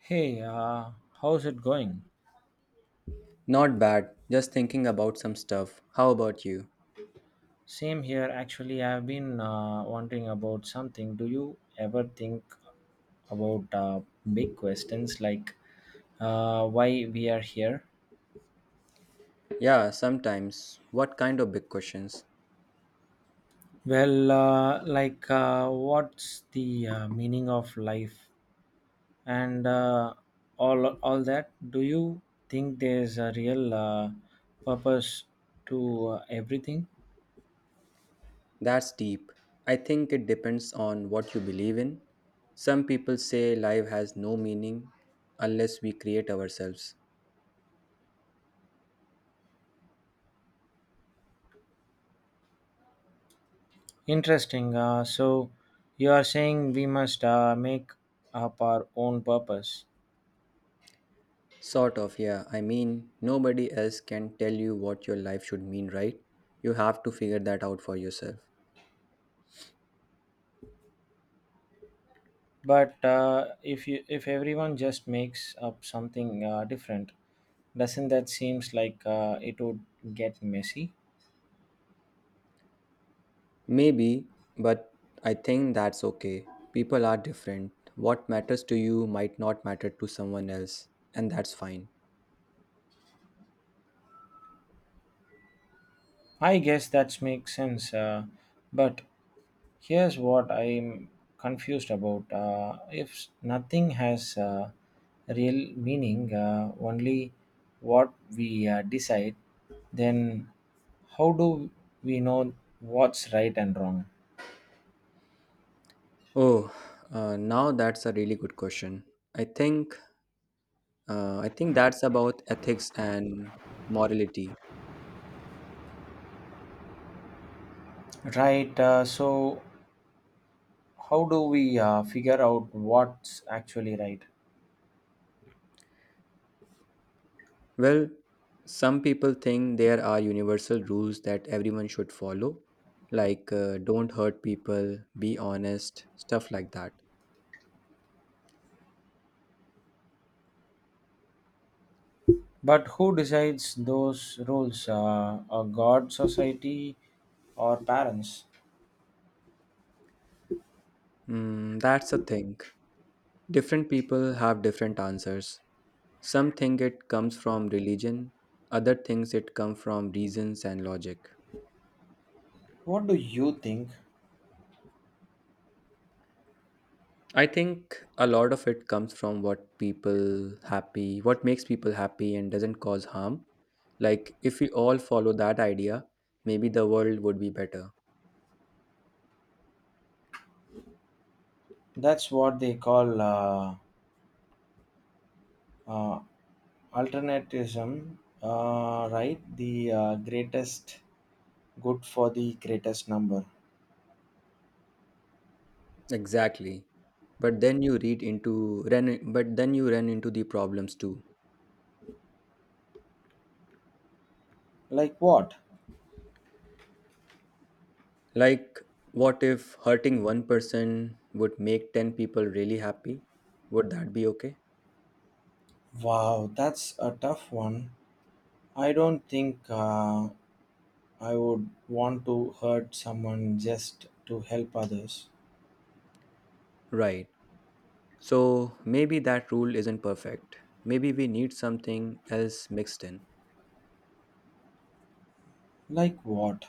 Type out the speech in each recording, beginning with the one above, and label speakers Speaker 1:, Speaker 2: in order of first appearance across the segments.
Speaker 1: Hey, how's it going?
Speaker 2: Not bad, just thinking about some stuff. How about you?
Speaker 1: Same here. Actually, I've been wondering about something. Do you ever think about big questions like why we are here?
Speaker 2: Yeah, sometimes. What kind of big questions?
Speaker 1: Well, like what's the meaning of life and all that? Do you think there's a real purpose to everything?
Speaker 2: That's deep. I think it depends on what you believe in. Some people say life has no meaning unless we create ourselves.
Speaker 1: Interesting. So you are saying we must make up our own purpose.
Speaker 2: Sort of, yeah. I mean, nobody else can tell you what your life should mean, right? You have to figure that out for yourself.
Speaker 1: But if you if everyone just makes up something different, doesn't that seems like it would get messy?
Speaker 2: Maybe, but I think that's okay. People are different. What matters to you might not matter to someone else, and that's fine.
Speaker 1: I guess that makes sense. But here's what I'm confused about. If nothing has real meaning, only what we decide, then how do we know what's right and wrong?
Speaker 2: Oh, now that's a really good question. I think I think that's about ethics and morality.
Speaker 1: Right. So, how do we figure out what's actually right?
Speaker 2: Well, some people think there are universal rules that everyone should follow, like don't hurt people, be honest, stuff like that.
Speaker 1: But who decides those rules? A god, society, or parents?
Speaker 2: Mm, that's a thing. Different people have different answers. Some think it comes from religion, other thinks it comes from reasons and logic.
Speaker 1: What do you think?
Speaker 2: I think a lot of it comes from what people happy, what makes people happy and doesn't cause harm. Like if we all follow that idea, maybe the world would be better.
Speaker 1: That's what they call uh, Alternativism, right? The greatest good for the greatest number.
Speaker 2: Exactly. But then you run into the problems too.
Speaker 1: Like what?
Speaker 2: Like what if hurting one person would make 10 people really happy? Would that be okay?
Speaker 1: Wow, that's a tough one. I don't think I would want to hurt someone just to help others.
Speaker 2: Right. So maybe that rule isn't perfect. Maybe we need something else mixed in,
Speaker 1: Like what?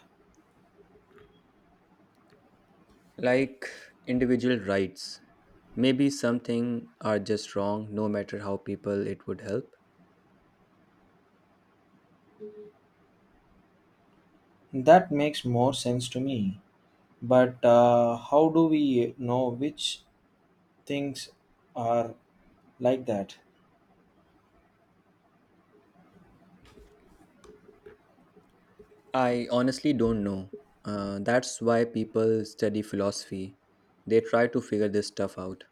Speaker 2: like individual rights. Maybe something are just wrong no matter how people it would help.
Speaker 1: That makes more sense to me. But how do we know which things are like that?
Speaker 2: I honestly don't know. That's why people study philosophy. They try to figure this stuff out.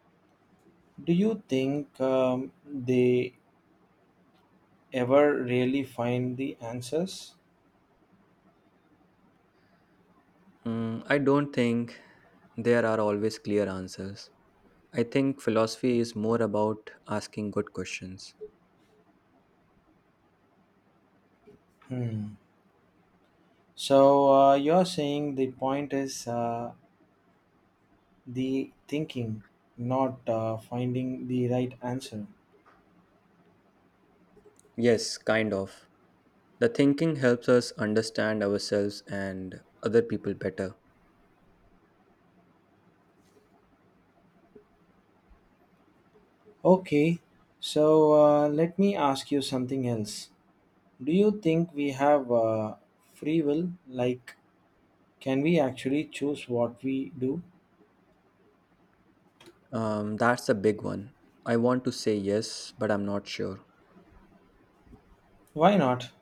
Speaker 1: Do you think they ever really find the answers?
Speaker 2: Mm, I don't think there are always clear answers. I think philosophy is more about asking good questions.
Speaker 1: Hmm. So you're saying the point is the thinking, not finding the right answer.
Speaker 2: Yes, kind of. The thinking helps us understand ourselves and other people better.
Speaker 1: Okay. So let me ask you something else. Do you think we have free will? Like, can we actually choose what we do?
Speaker 2: That's a big one. I want to say yes, but I'm not sure.
Speaker 1: Why not?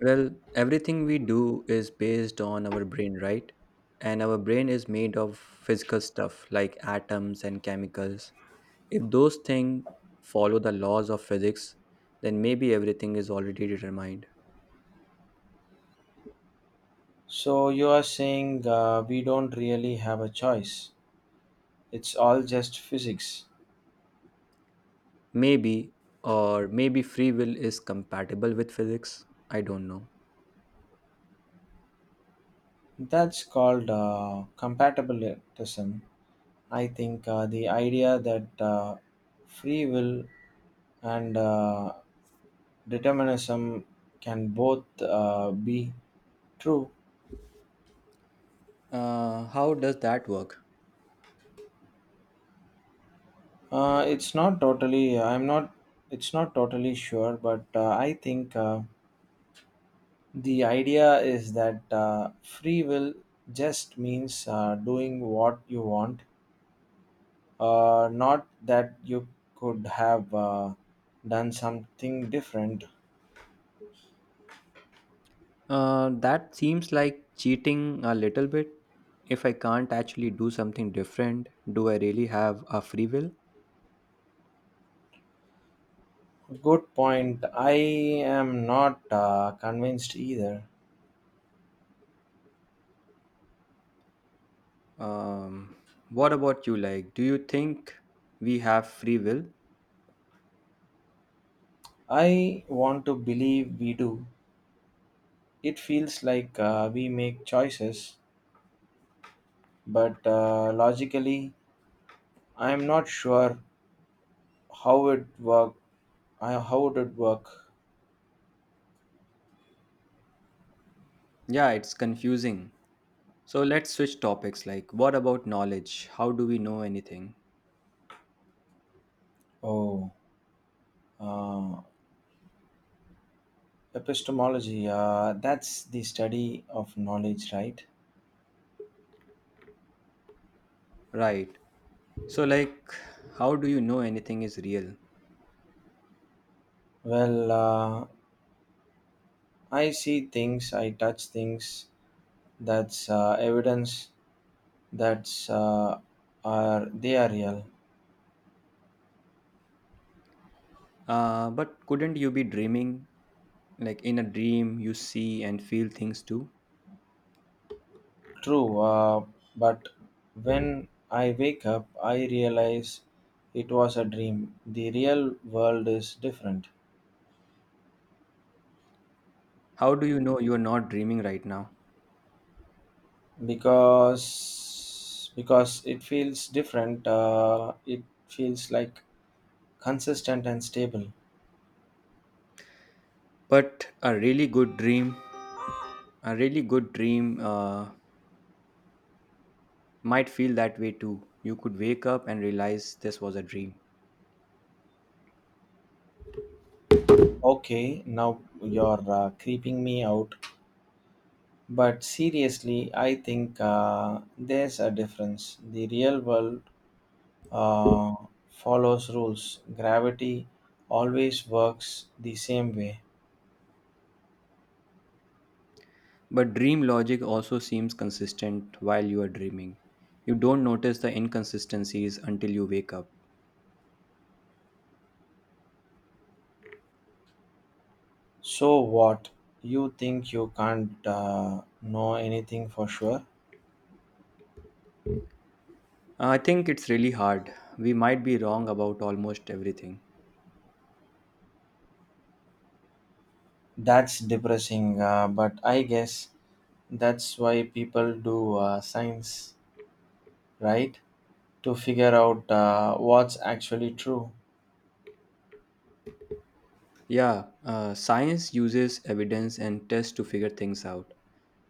Speaker 2: Well, everything we do is based on our brain, right? And our brain is made of physical stuff like atoms and chemicals. If those things follow the laws of physics, then maybe everything is already determined.
Speaker 1: So you are saying we don't really have a choice. It's all just physics.
Speaker 2: Maybe, or maybe free will is compatible with physics. I don't know.
Speaker 1: That's called compatibilism. I think the idea that free will and determinism can both be true.
Speaker 2: How does that work?
Speaker 1: It's not totally. I'm not. It's not totally sure, but I think the idea is that free will just means doing what you want. Not that you could have done something different.
Speaker 2: That seems like cheating a little bit. If I can't actually do something different, do I really have a free will?
Speaker 1: Good point. I am not convinced either.
Speaker 2: Um, what about you? Like, do you think we have free will?
Speaker 1: I want to believe we do. It feels like we make choices, but logically, I am not sure how it how would it work?
Speaker 2: Yeah, it's confusing. So let's switch topics. Like, what about knowledge? How do we know anything?
Speaker 1: Oh, uh, epistemology. That's the study of knowledge, right?
Speaker 2: Right. So, like, how do you know anything is real?
Speaker 1: Well, I see things, I touch things. That's evidence that's are they are real.
Speaker 2: But couldn't you be dreaming? Like, in a dream, you see and feel things too?
Speaker 1: True, but when I wake up, I realize it was a dream. The real world is different
Speaker 2: How do you know you're not dreaming right now?
Speaker 1: because it feels different. It feels like consistent and stable.
Speaker 2: But a really good dream, a really good dream might feel that way too. You could wake up and realize this was a dream.
Speaker 1: Okay, now you're creeping me out. But seriously, I think there's a difference. The real world uh, follows rules. Gravity always works the same way.
Speaker 2: But dream logic also seems consistent while you are dreaming. You don't notice the inconsistencies until you wake up.
Speaker 1: So what? You think you can't know anything for sure?
Speaker 2: I think it's really hard. We might be wrong about almost everything.
Speaker 1: That's depressing, but I guess that's why people do science, right? To figure out what's actually true.
Speaker 2: Yeah, science uses evidence and tests to figure things out.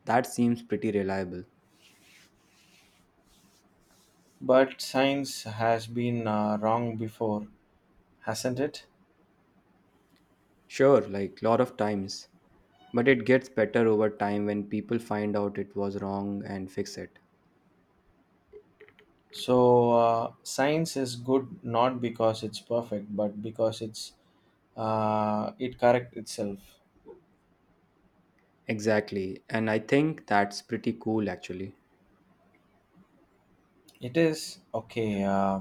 Speaker 2: That seems pretty reliable.
Speaker 1: But science has been wrong before, hasn't it?
Speaker 2: Sure, like lot of times, but it gets better over time when people find out it was wrong and fix it.
Speaker 1: So, science is good not because it's perfect, but because it's it correct itself.
Speaker 2: Exactly, and I think that's pretty cool actually.
Speaker 1: It is okay.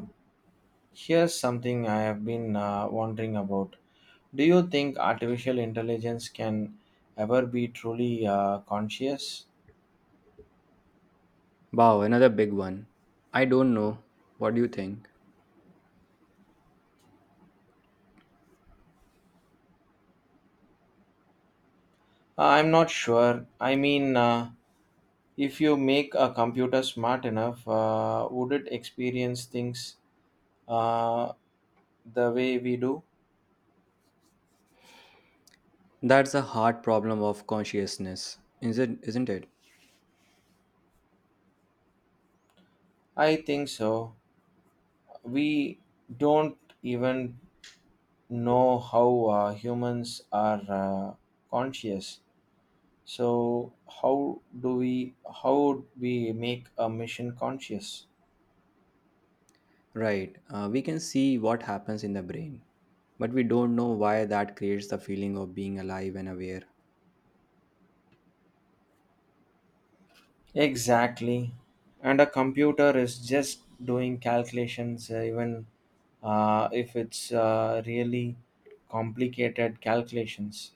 Speaker 1: Here's something I have been wondering about. Do you think artificial intelligence can ever be truly conscious?
Speaker 2: Wow, another big one. I don't know. What do you think?
Speaker 1: I'm not sure. I mean, if you make a computer smart enough, would it experience things uh, the way we do?
Speaker 2: That's a hard problem of consciousness, isn't it?
Speaker 1: I think so. We don't even know how humans are conscious, so how do we how would we make a machine conscious?
Speaker 2: Right. We can see what happens in the brain, but we don't know why that creates the feeling of being alive and aware.
Speaker 1: Exactly, and a computer is just doing calculations, even if it's really complicated calculations.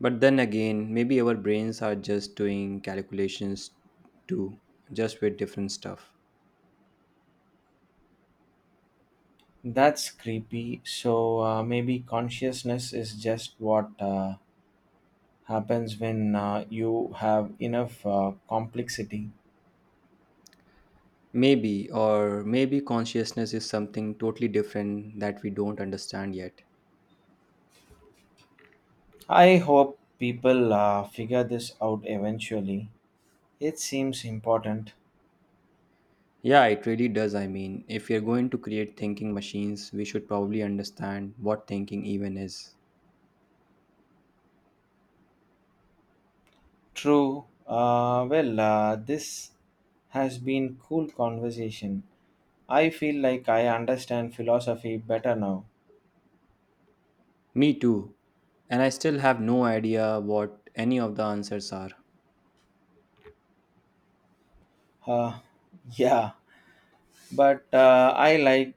Speaker 2: But then again, maybe our brains are just doing calculations too, just with different stuff.
Speaker 1: That's creepy, so maybe consciousness is just what happens when you have enough complexity.
Speaker 2: Maybe, or maybe consciousness is something totally different that we don't understand yet.
Speaker 1: I hope people figure this out eventually. It seems important.
Speaker 2: Yeah, it really does. I mean, if we are going to create thinking machines, we should probably understand what thinking even is.
Speaker 1: True. Well, this has been cool conversation. I feel like I understand philosophy better now.
Speaker 2: Me too. And I still have no idea what any of the answers are.
Speaker 1: Uh, yeah, but I like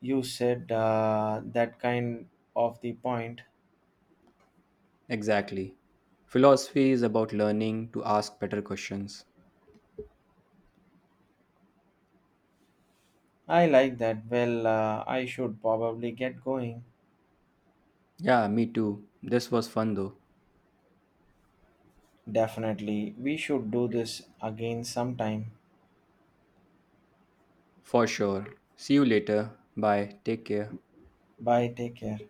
Speaker 1: you said that kind of the point.
Speaker 2: Exactly. Philosophy is about learning to ask better questions.
Speaker 1: I like that. Well, I should probably get going.
Speaker 2: Yeah, me too. This was fun though.
Speaker 1: Definitely, we should do this again sometime.
Speaker 2: For sure. See you later. Bye. Take care.
Speaker 1: Bye, take care.